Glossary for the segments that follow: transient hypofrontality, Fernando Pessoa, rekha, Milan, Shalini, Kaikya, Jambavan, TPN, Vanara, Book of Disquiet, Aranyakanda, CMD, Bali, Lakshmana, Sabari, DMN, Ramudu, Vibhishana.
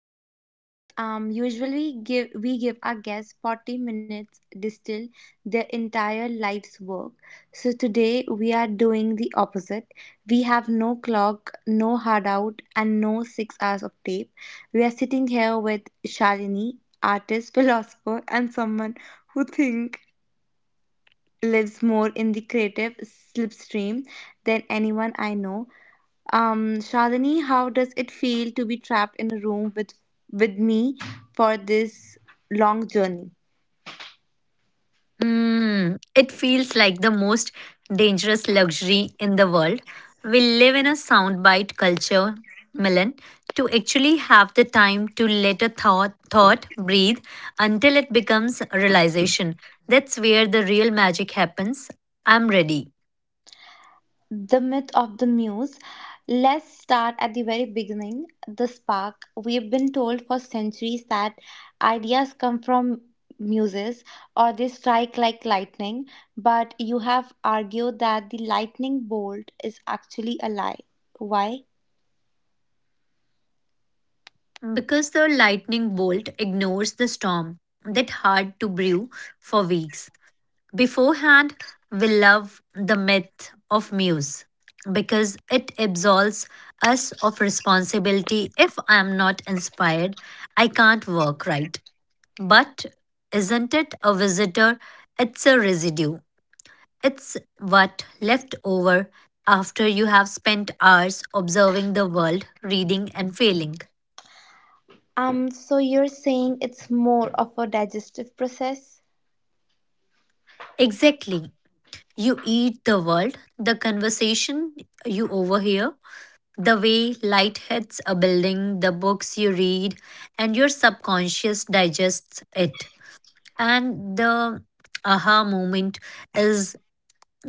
this for months. Usually, give we give our guests 40 minutes distill their entire life's work. So today we are doing the opposite. We have no clock, no hard out, and no 6 hours of tape. We are sitting here with Shalini, artist, philosopher, and someone who think lives more in the creative slipstream than anyone I know. Shadini, how does it feel to be trapped in a room with me for this long journey? Mm, it feels like the most dangerous luxury in the world. We live in a soundbite culture, Milan. To actually have the time to let a thought breathe until it becomes a realization. That's where the real magic happens. I'm ready. The myth of the muse. Let's start at the very beginning. The spark. We've been told for centuries that ideas come from muses or they strike like lightning, but you have argued that the lightning bolt is actually a lie. Why? Because the lightning bolt ignores the storm that hard to brew for weeks. Beforehand, we love the myth of Muse because it absolves us of responsibility. If I am not inspired, I can't work right. But isn't it a visitor? It's a residue. It's what left over after you have spent hours observing the world, reading and failing. So you're saying it's more of a digestive process? Exactly. You eat the world, the conversation you overhear, the way light hits a building, the books you read, and your subconscious digests it. And the aha moment is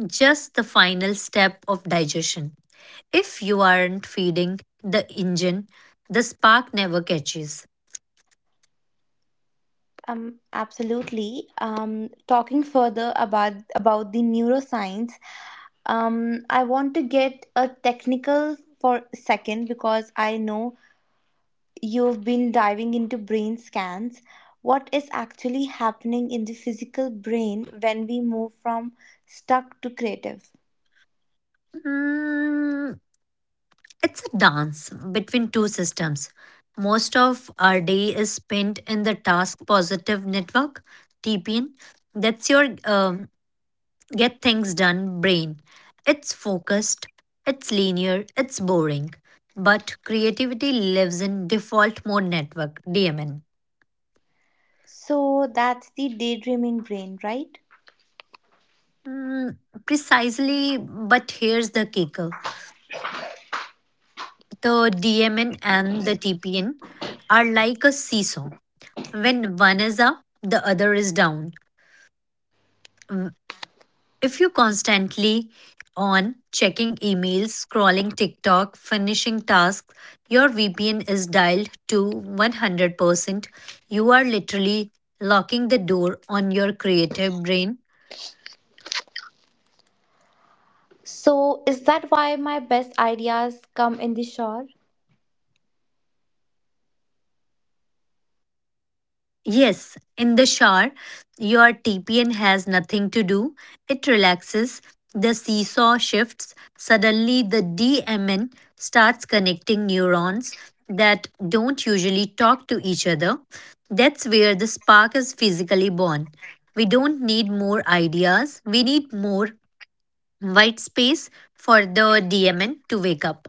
just the final step of digestion. If you aren't feeding the engine, the spark never catches. Absolutely. Talking further about the neuroscience, I want to get a technical for a second because I know you've been diving into brain scans. What is actually happening in the physical brain when we move from stuck to creative? Mm, it's a dance between two systems. Most of our day is spent in the task positive network, TPN. That's your get things done brain. It's focused, it's linear, it's boring. But creativity lives in default mode network, DMN. So that's the daydreaming brain, right? Mm, precisely, but here's the kicker, the DMN and the TPN are like a seesaw. When one is up, the other is down. If you constantly on checking emails, scrolling TikTok, finishing tasks, your VPN is dialed to 100%. You are literally locking the door on your creative brain. So is that why my best ideas come in the shower? Yes, in the shower, your TPN has nothing to do. It relaxes, the seesaw shifts, suddenly the DMN starts connecting neurons that don't usually talk to each other. That's where the spark is physically born. We don't need more ideas, we need more white space for the DMN to wake up.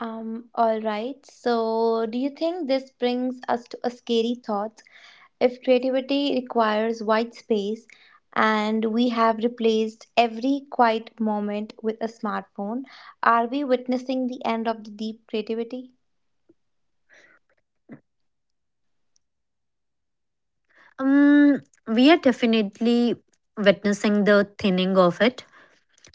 All right. So, do you think this brings us to a scary thought? If creativity requires white space and we have replaced every quiet moment with a smartphone, are we witnessing the end of the deep creativity? Um, we are definitely witnessing the thinning of it.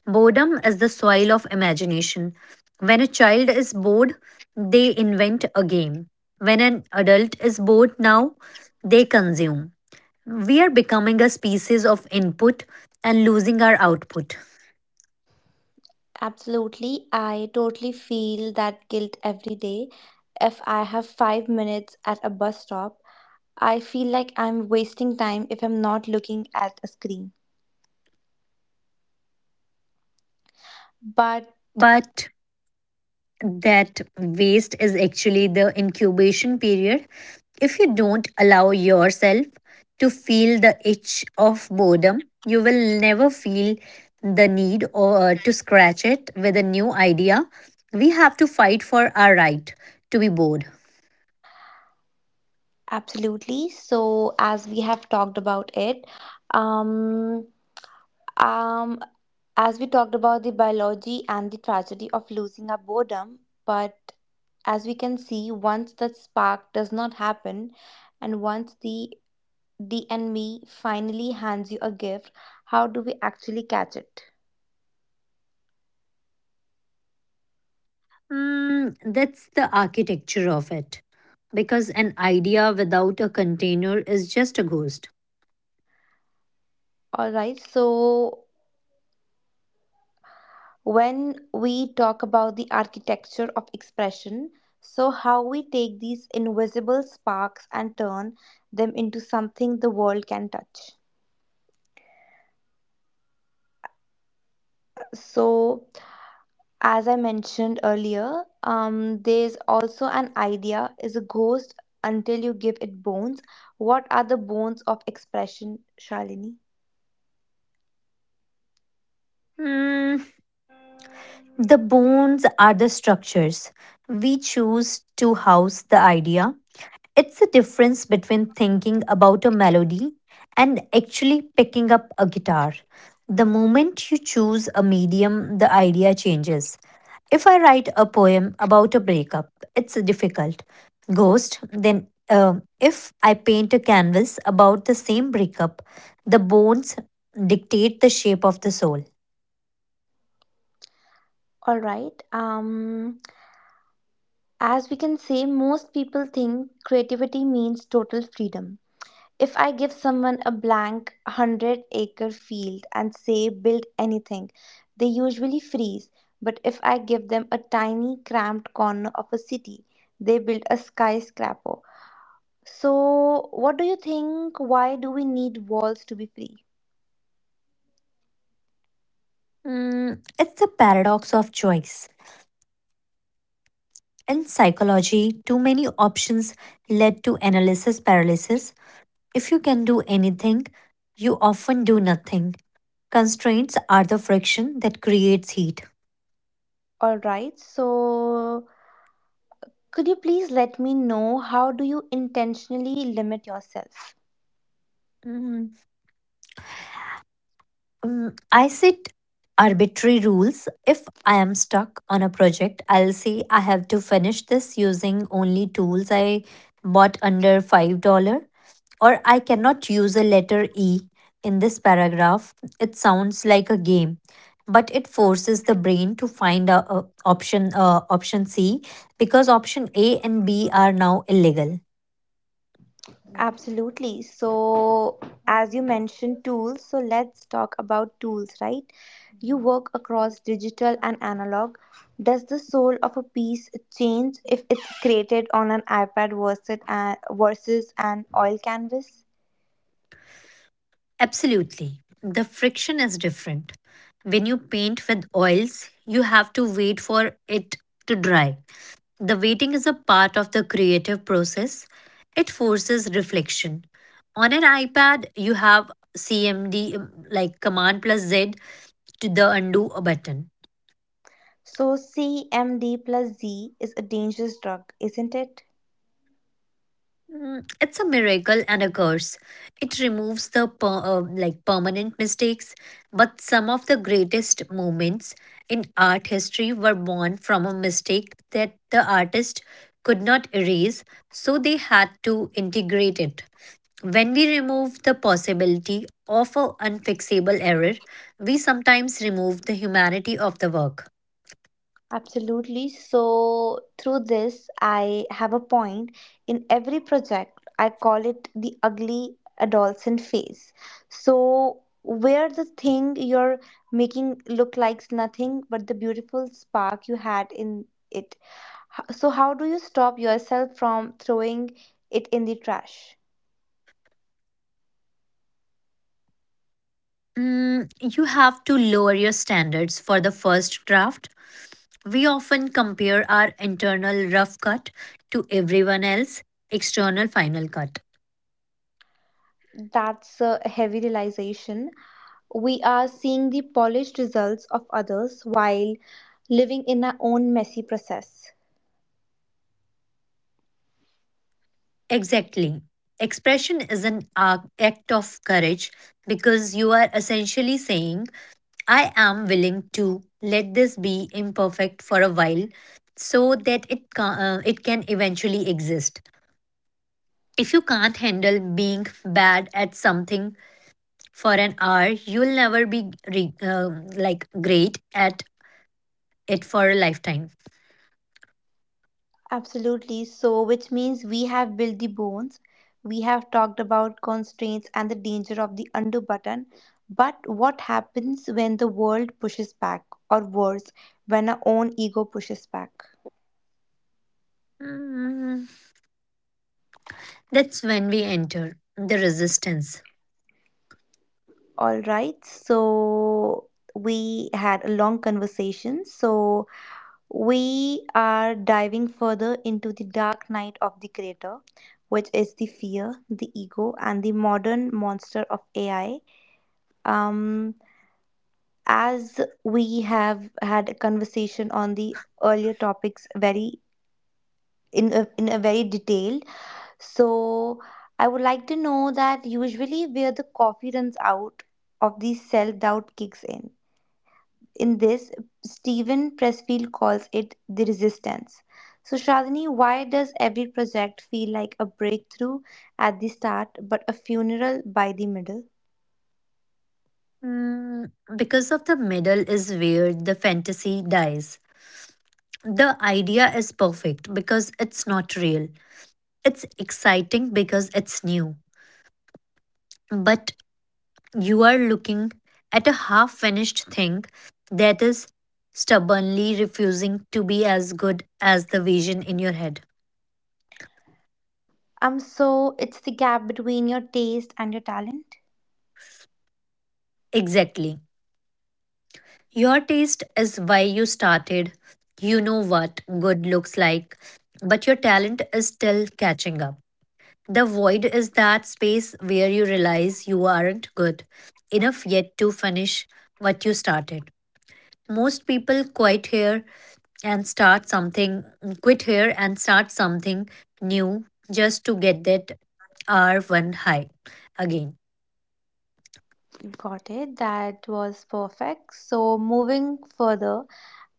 Boredom is the soil of imagination. When a child is bored, they invent a game. When an adult is bored now, they consume. We are becoming a species of input and losing our output. Absolutely. I totally feel that guilt every day. If I have 5 minutes at a bus stop, I feel like I'm wasting time if I'm not looking at a screen. But But that waste is actually the incubation period. If you don't allow yourself to feel the itch of boredom, you will never feel the need or to scratch it with a new idea. We have to fight for our right to be bored. absolutely. So, as we have talked about it, um, um, as we talked about the biology and the tragedy of losing our boredom, but as we can see, once that spark does not happen, and once the enemy finally hands you a gift, how do we actually catch it? Mm, that's the architecture of it. Because an idea without a container is just a ghost. All right. So, when we talk about the architecture of expression. So, how we take these invisible sparks and turn them into something the world can touch. So, as I mentioned earlier, there's also an idea is a ghost until you give it bones. What are the bones of expression, Shalini? Mm, the bones are the structures. We choose to house the idea. It's the difference between thinking about a melody and actually picking up a guitar. The moment you choose a medium, the idea changes. If I write a poem about a breakup, it's a difficult. Ghost, then if I paint a canvas about the same breakup, the bones dictate the shape of the soul. All right. As we can say, most people think creativity means total freedom. If I give someone a blank 100-acre field and say build anything, they usually freeze. But if I give them a tiny cramped corner of a city, they build a skyscraper. So, what do you think? Why do we need walls to be free? Mm, it's the paradox of choice. In psychology, too many options led to analysis paralysis. If you can do anything, you often do nothing. Constraints are the friction that creates heat. All right, so could you please let me know how do you intentionally limit yourself? Mm, mm, I set arbitrary rules. If I am stuck on a project, I'll say I have to finish this using only tools I bought under $5, or I cannot use a letter E in this paragraph. It sounds like a game, but it forces the brain to find a option option C because option A and B are now illegal. Absolutely. So, as you mentioned tools, so let's talk about tools, right? You work across digital and analog. Does the soul of a piece change if it's created on an iPad versus an oil canvas? Absolutely. The friction is different. When you paint with oils, you have to wait for it to dry. The waiting is a part of the creative process. It forces reflection. On an iPad, you have CMD Command plus Z to the undo button. So, CMD plus Z is a dangerous drug, isn't it? Mm, it's a miracle and a curse. It removes the permanent mistakes, but some of the greatest moments in art history were born from a mistake that the artist could not erase, so they had to integrate it. When we remove the possibility of an unfixable error, we sometimes remove the humanity of the work. Absolutely. So, through this, I have a point in every project. I call it the ugly adolescent phase. So, where the thing you're making look likes nothing but the beautiful spark you had in it. So, how do you stop yourself from throwing it in the trash? Mm, you have to lower your standards for the first draft. We often compare our internal rough cut to everyone else's external final cut. That's a heavy realization. We are seeing the polished results of others while living in our own messy process. Exactly. Expression is an act of courage because you are essentially saying, I am willing to let this be imperfect for a while so that it, it can eventually exist. If you can't handle being bad at something for an hour, you'll never be great at it for a lifetime. Absolutely. So, which means we have built the bones, we have talked about constraints and the danger of the undo button. But what happens when the world pushes back, or worse, when our own ego pushes back? Mm, that's when we enter the resistance. All right, so we had a long conversation. So, we are diving further into the dark night of the creator, which is the fear, the ego, and the modern monster of AI. Um, as we have had a conversation on the earlier topics very in a very detail, so I would like to know that usually where the coffee runs out of the self doubt kicks in this, Stephen Pressfield calls it the resistance. So Shadini, why does every project feel like a breakthrough at the start but a funeral by the middle? Mm, because of the middle is where the fantasy dies. The idea is perfect because it's not real. It's exciting because it's new, but you are looking at a half finished thing that is stubbornly refusing to be as good as the vision in your head. So it's the gap between your taste and your talent. Exactly. Your taste is why you started. You know what good looks like, but your talent is still catching up. The void is that space where you realize you aren't good enough yet to finish what you started. Most people quit here and start something, quit here and start something new just to get that R1 high again. Got it. That was perfect. So moving further,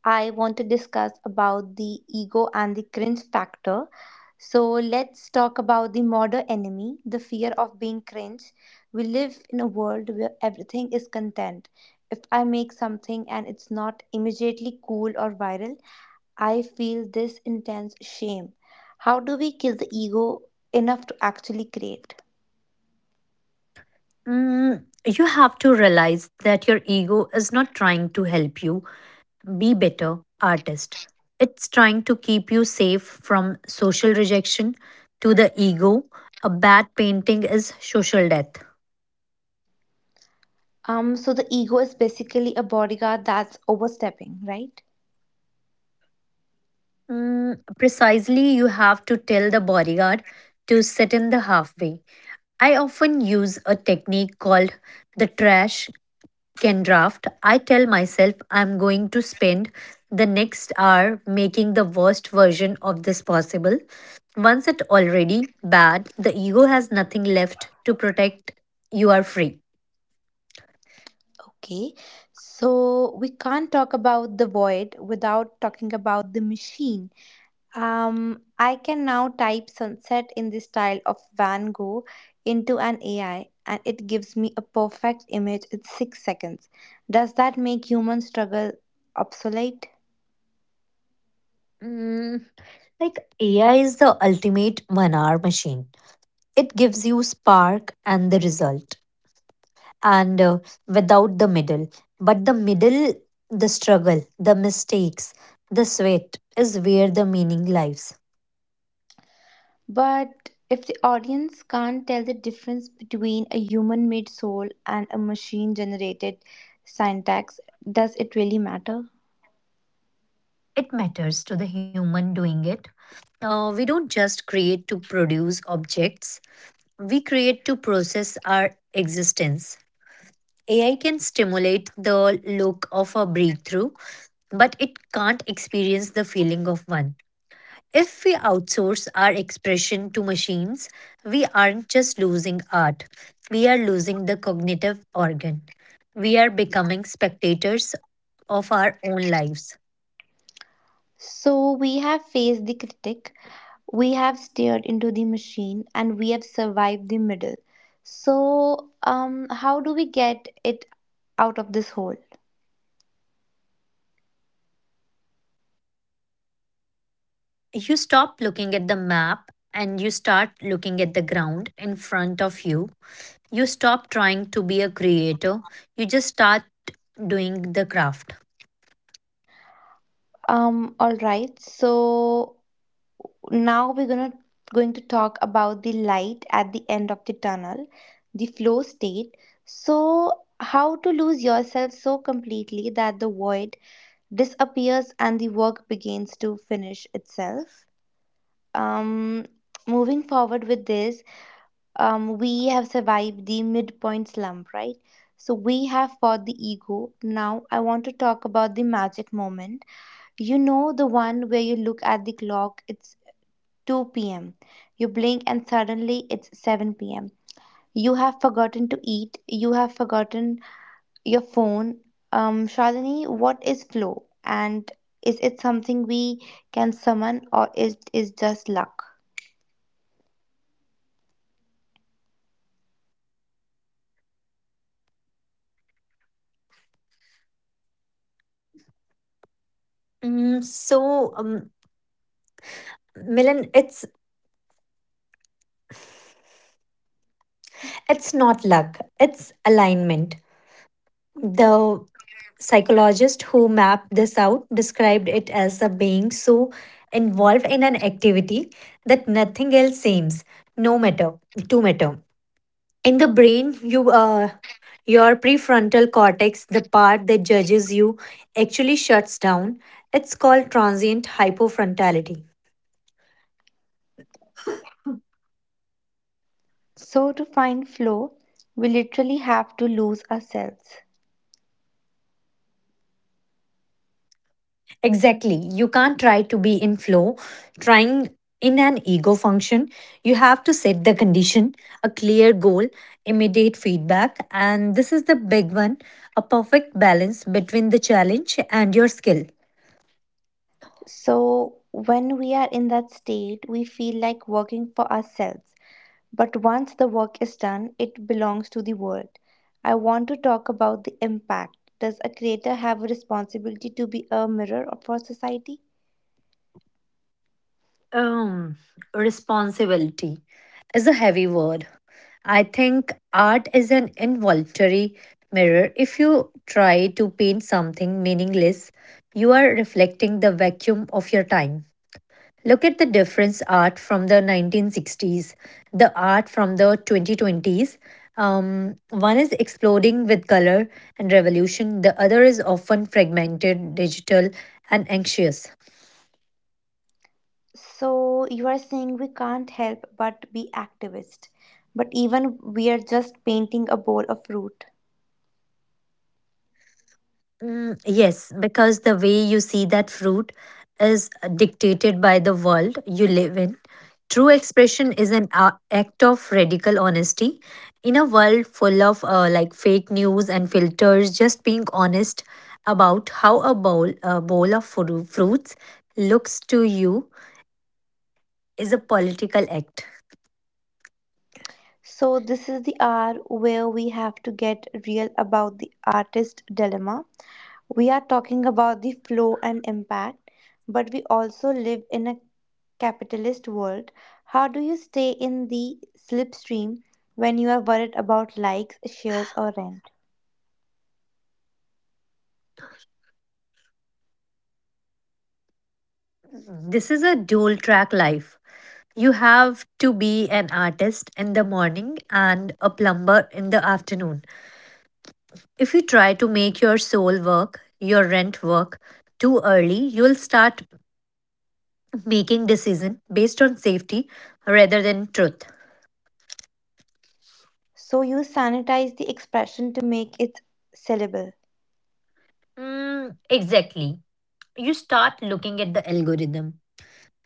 I want to discuss about the ego and the cringe factor. So let's talk about the modern enemy, the fear of being cringe. We live in a world where everything is content. If I make something and it's not immediately cool or viral, I feel this intense shame. How do we kill the ego enough to actually create? Mm, you have to realize that your ego is not trying to help you be better artist. It's trying to keep you safe from social rejection. To the ego, a bad painting is social death. So the ego is basically a bodyguard that's overstepping, right? Mm, precisely, you have to tell the bodyguard to sit in the halfway. I often use a technique called the trash can draft, I tell myself I'm going to spend the next hour making the worst version of this possible. Once it's already bad, the ego has nothing left to protect. You are free. Okay. So we can't talk about the void without talking about the machine. I can now type sunset in the style of Van Gogh into an AI and it gives me a perfect image in 6 seconds. Does that make human struggle obsolete? Mm, AI is the ultimate 1 hour machine. It gives you spark and the result, and without the middle. But the middle, the struggle, the mistakes, the sweat is where the meaning lies. But if the audience can't tell the difference between a human made soul and a machine generated syntax, does it really matter? It matters to the human doing it. We don't just create to produce objects, we create to process our existence. AI can stimulate the look of a breakthrough, but it can't experience the feeling of one. If we outsource our expression to machines, we aren't just losing art, we are losing the cognitive organ. We are becoming spectators of our own lives. So we have faced the critic, we have stared into the machine, and we have survived the middle. So, how do we get it out of this hole? You stop looking at the map and you start looking at the ground in front of you. You stop trying to be a creator, you just start doing the craft. All right, so now we're gonna going to talk about the light at the end of the tunnel, the flow state. So, how to lose yourself so completely that the void disappears and the work begins to finish itself. um Moving forward with this, we have survived the midpoint slump, right? So we have fought the ego. Now I want to talk about the magic moment. You know, the one where you look at the clock, it's 2 p.m. You blink and suddenly it's 7 p.m. You have forgotten to eat, you have forgotten your phone. Shalini, what is flow? And is it something we can summon or is just luck? Mm, so, um, Milan, it's not luck; it's alignment. The psychologist who mapped this out described it as a being so involved in an activity that nothing else seems no matter to matter. In the brain, your prefrontal cortex, the part that judges you, actually shuts down. It's called transient hypofrontality. So to find flow, we literally have to lose ourselves. Exactly, you can't try to be in flow. Trying in an ego function. You have to set the condition: a clear goal, immediate feedback, and this is the big one, a perfect balance between the challenge and your skill. So when we are in that state, we feel like working for ourselves. But once the work is done, it belongs to the world. I want to talk about the impact. Does a creator have a responsibility to be a mirror for society? um Responsibility is a heavy word. I think art is an involuntary mirror. If you try to paint something meaningless, you are reflecting the vacuum of your time. Look at the difference art from the 1960s, the art from the 2020s. One is exploding with color and revolution, the other is often fragmented, digital, and anxious. So you are saying we can't help but be activists, but even we are just painting a bowl of fruit. Mm, yes, because the way you see that fruit is dictated by the world you live in. True expression is an act of radical honesty. In a world full of fake news and filters, just being honest about how a bowl of fruits looks to you is a political act. So this is the hour where we have to get real about the artist dilemma. We are talking about the flow and impact, but we also live in a capitalist world. How do you stay in the slipstream when you are worried about likes, shares, or rent? This is a dual track life. You have to be an artist in the morning and a plumber in the afternoon. If you try to make your soul work, your rent work too early, you'll start making decision based on safety rather than truth. So you sanitize the expression to make it sellable. Mm, exactly. You start looking at the algorithm.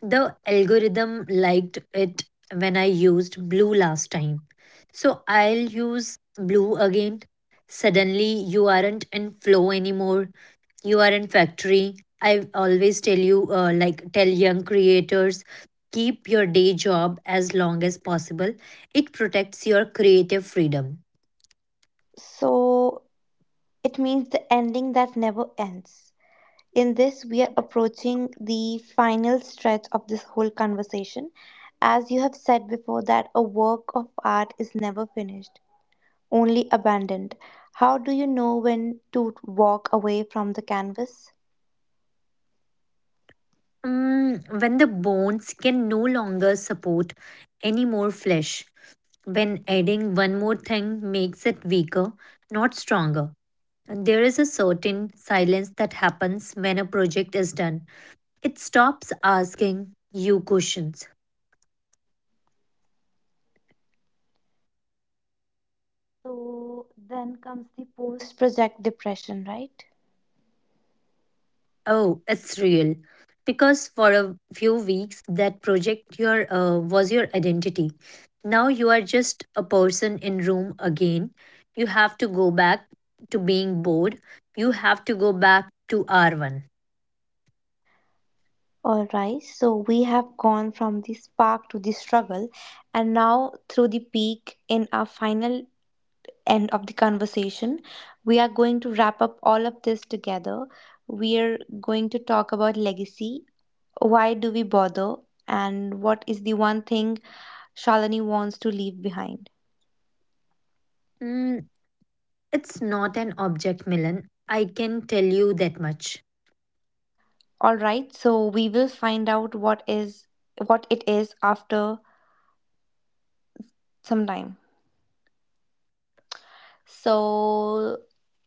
The algorithm liked it when I used blue last time. So I'll use blue again. Suddenly, you aren't in flow anymore. You are in factory. I always tell you, tell young creators keep your day job as long as possible. It protects your creative freedom. So it means the ending that never ends. In this, we are approaching the final stretch of this whole conversation. As you have said before, that a work of art is never finished, only abandoned. How do you know when to walk away from the canvas? Mm, when the bones can no longer support any more flesh, when adding one more thing makes it weaker, not stronger. And there is a certain silence that happens when a project is done. It stops asking you questions. So then comes the post project depression, right? Oh, it's real. Because for a few weeks, that project your was your identity. Now you are just a person in room again. You have to go back to being bored. You have to go back to R1. All right, so we have gone from the spark to the struggle, and now through the peak in our final end of the conversation, we are going to wrap up all of this together. We are going to talk about legacy, why do we bother, and what is the one thing Shalini wants to leave behind. It's not an object, Milan. I can tell you that much. All right, so we will find out what it is after some time. So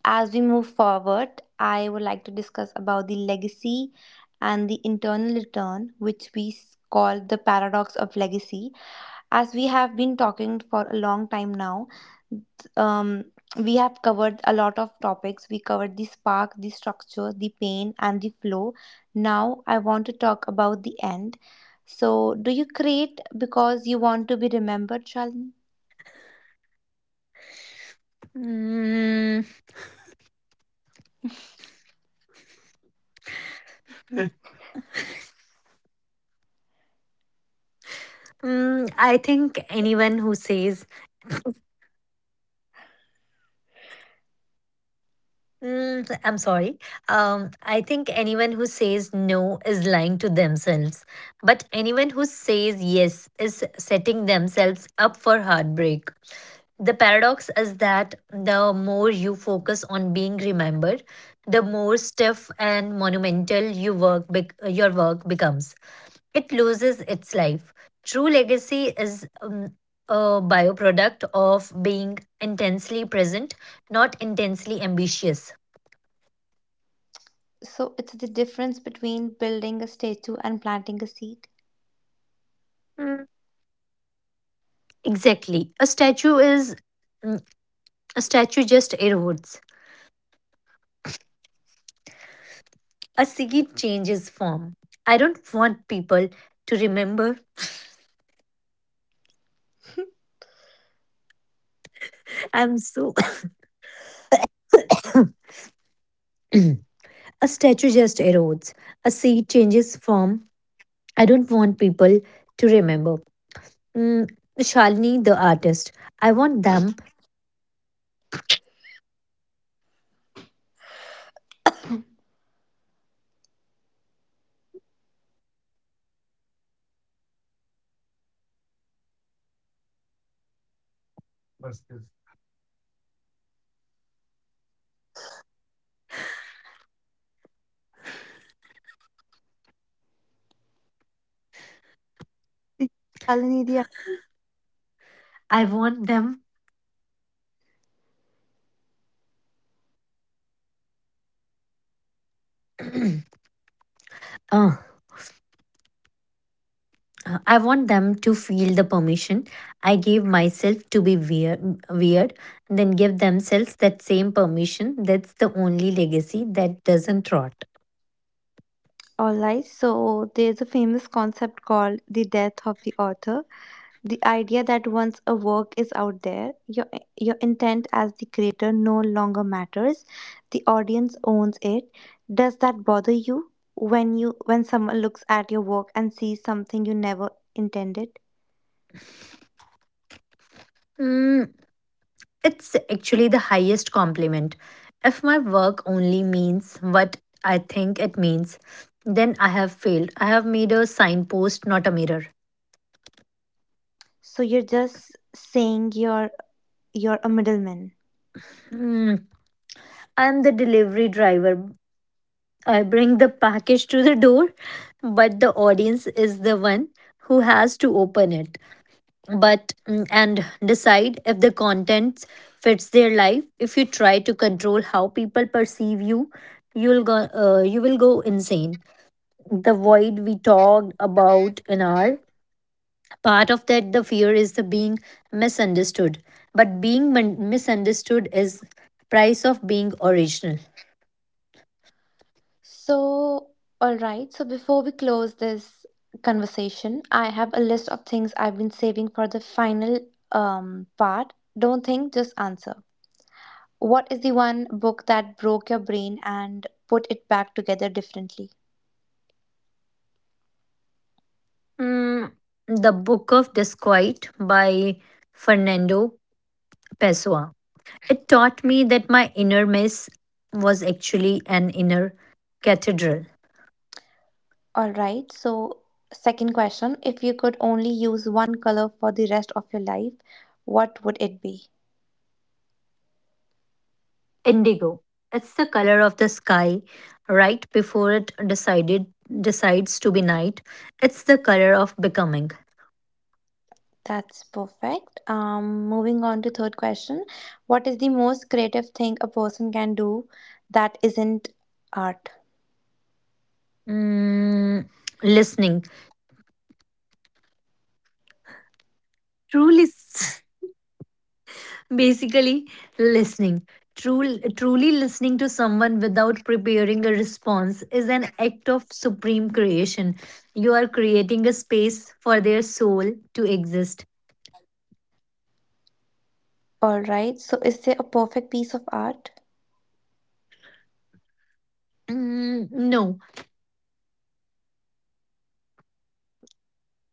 as we move forward, I would like to discuss about the legacy and the internal return, which we call the paradox of legacy. As we have been talking for a long time now, um, we have covered a lot of topics. We covered the spark, the structure, the pain, and the flow. Now, I want to talk about the end. So, do you create because you want to be remembered, Shalini? Mm, mm, I think anyone who says, mm, I'm sorry, I think anyone who says no is lying to themselves. But anyone who says yes is setting themselves up for heartbreak. The paradox is that the more you focus on being remembered, the more stiff and monumental your work becomes. It loses its life. True legacy is a byproduct of being intensely present, not intensely ambitious. So, it's the difference between building a statue and planting a seed. Mm, exactly. Mm, a statue just erodes. A seed changes form. I don't want people to remember. I'm so a statue just erodes. A seed changes form. I don't want people to remember. Mm, Shalini, the artist. I want them. Shalini, the— I want them. Oh, I want them to feel the permission I gave myself to be weird, then give themselves that same permission. That's the only legacy that doesn't rot. All right, so there's a famous concept called the death of the author. The idea that once a work is out there, your intent as the creator no longer matters. The audience owns it. Does that bother you when someone looks at your work and sees something you never intended? Mm, it's actually the highest compliment. If my work only means what I think it means, then I have failed. I have made a signpost, not a mirror. So you're just saying you're a middleman. Hmm, I am the delivery driver, I bring the package to the door, but the audience is the one who has to open it, and decide if the content fits their life. If you try to control how people perceive you, you'll go you will go insane. The void we talked about in our part of that, the fear is the being misunderstood, but being misunderstood is price of being original. So all right. So before we close this conversation, I have a list of things I've been saving for the final part. Don't think, just answer. What is the one book that broke your brain and put it back together differently? Mm, the Book of Disquiet by Fernando Pessoa. It taught me that my inner mess was actually an inner cathedral. All right. So, second question, if you could only use one color for the rest of your life, what would it be? Indigo. It's the color of the sky right before it decided decides to be night. It's the color of becoming. That's perfect. Moving on to third question, what is the most creative thing a person can do that isn't art? Mm, listening. Truly basically listening. Truly listening to someone without preparing a response is an act of supreme creation. You are creating a space for their soul to exist. All right. So, is there a perfect piece of art? Mm, no.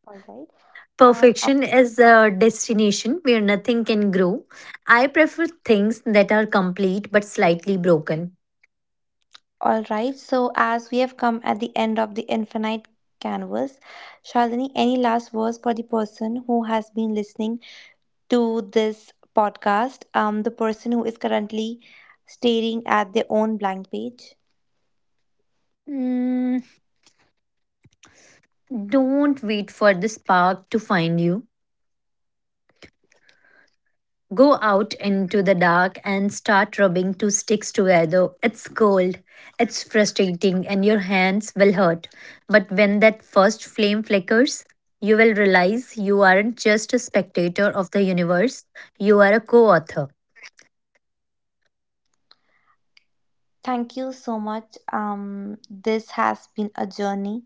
All right. Um, Perfection is a destination where nothing can grow. I prefer things that are complete but slightly broken. All right, so as we have come at the end of the infinite canvas, Shalini, any last words for the person who has been listening to this podcast, the person who is currently staring at their own blank page? Mm, don't wait for the spark to find you. Go out into the dark and start rubbing 2 sticks together. It's cold, it's frustrating, and your hands will hurt. But when that first flame flickers, you will realize you aren't just a spectator of the universe, you are a co author. Thank you so much. This has been a journey.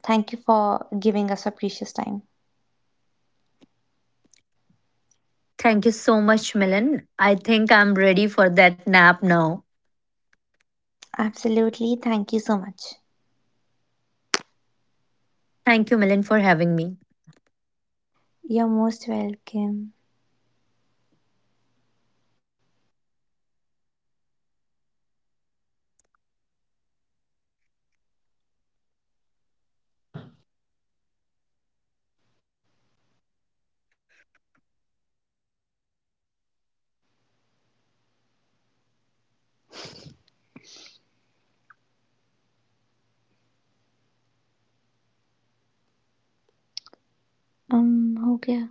Thank you for giving us a precious time. Thank you so much, Milan. I think I'm ready for that nap now. Absolutely, thank you so much. Thank you, Milan, for having me. You're most welcome. हो गया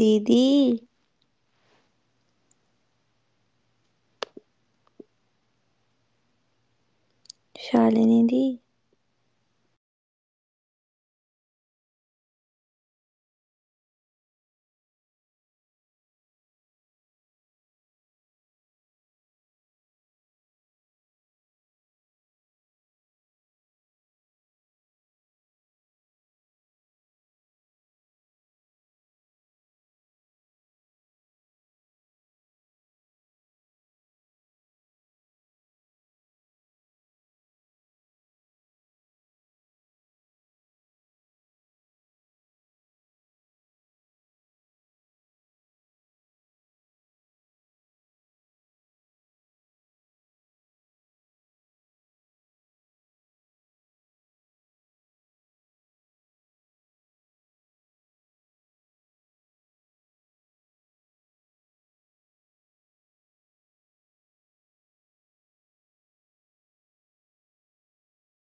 दीदी शालिनी दी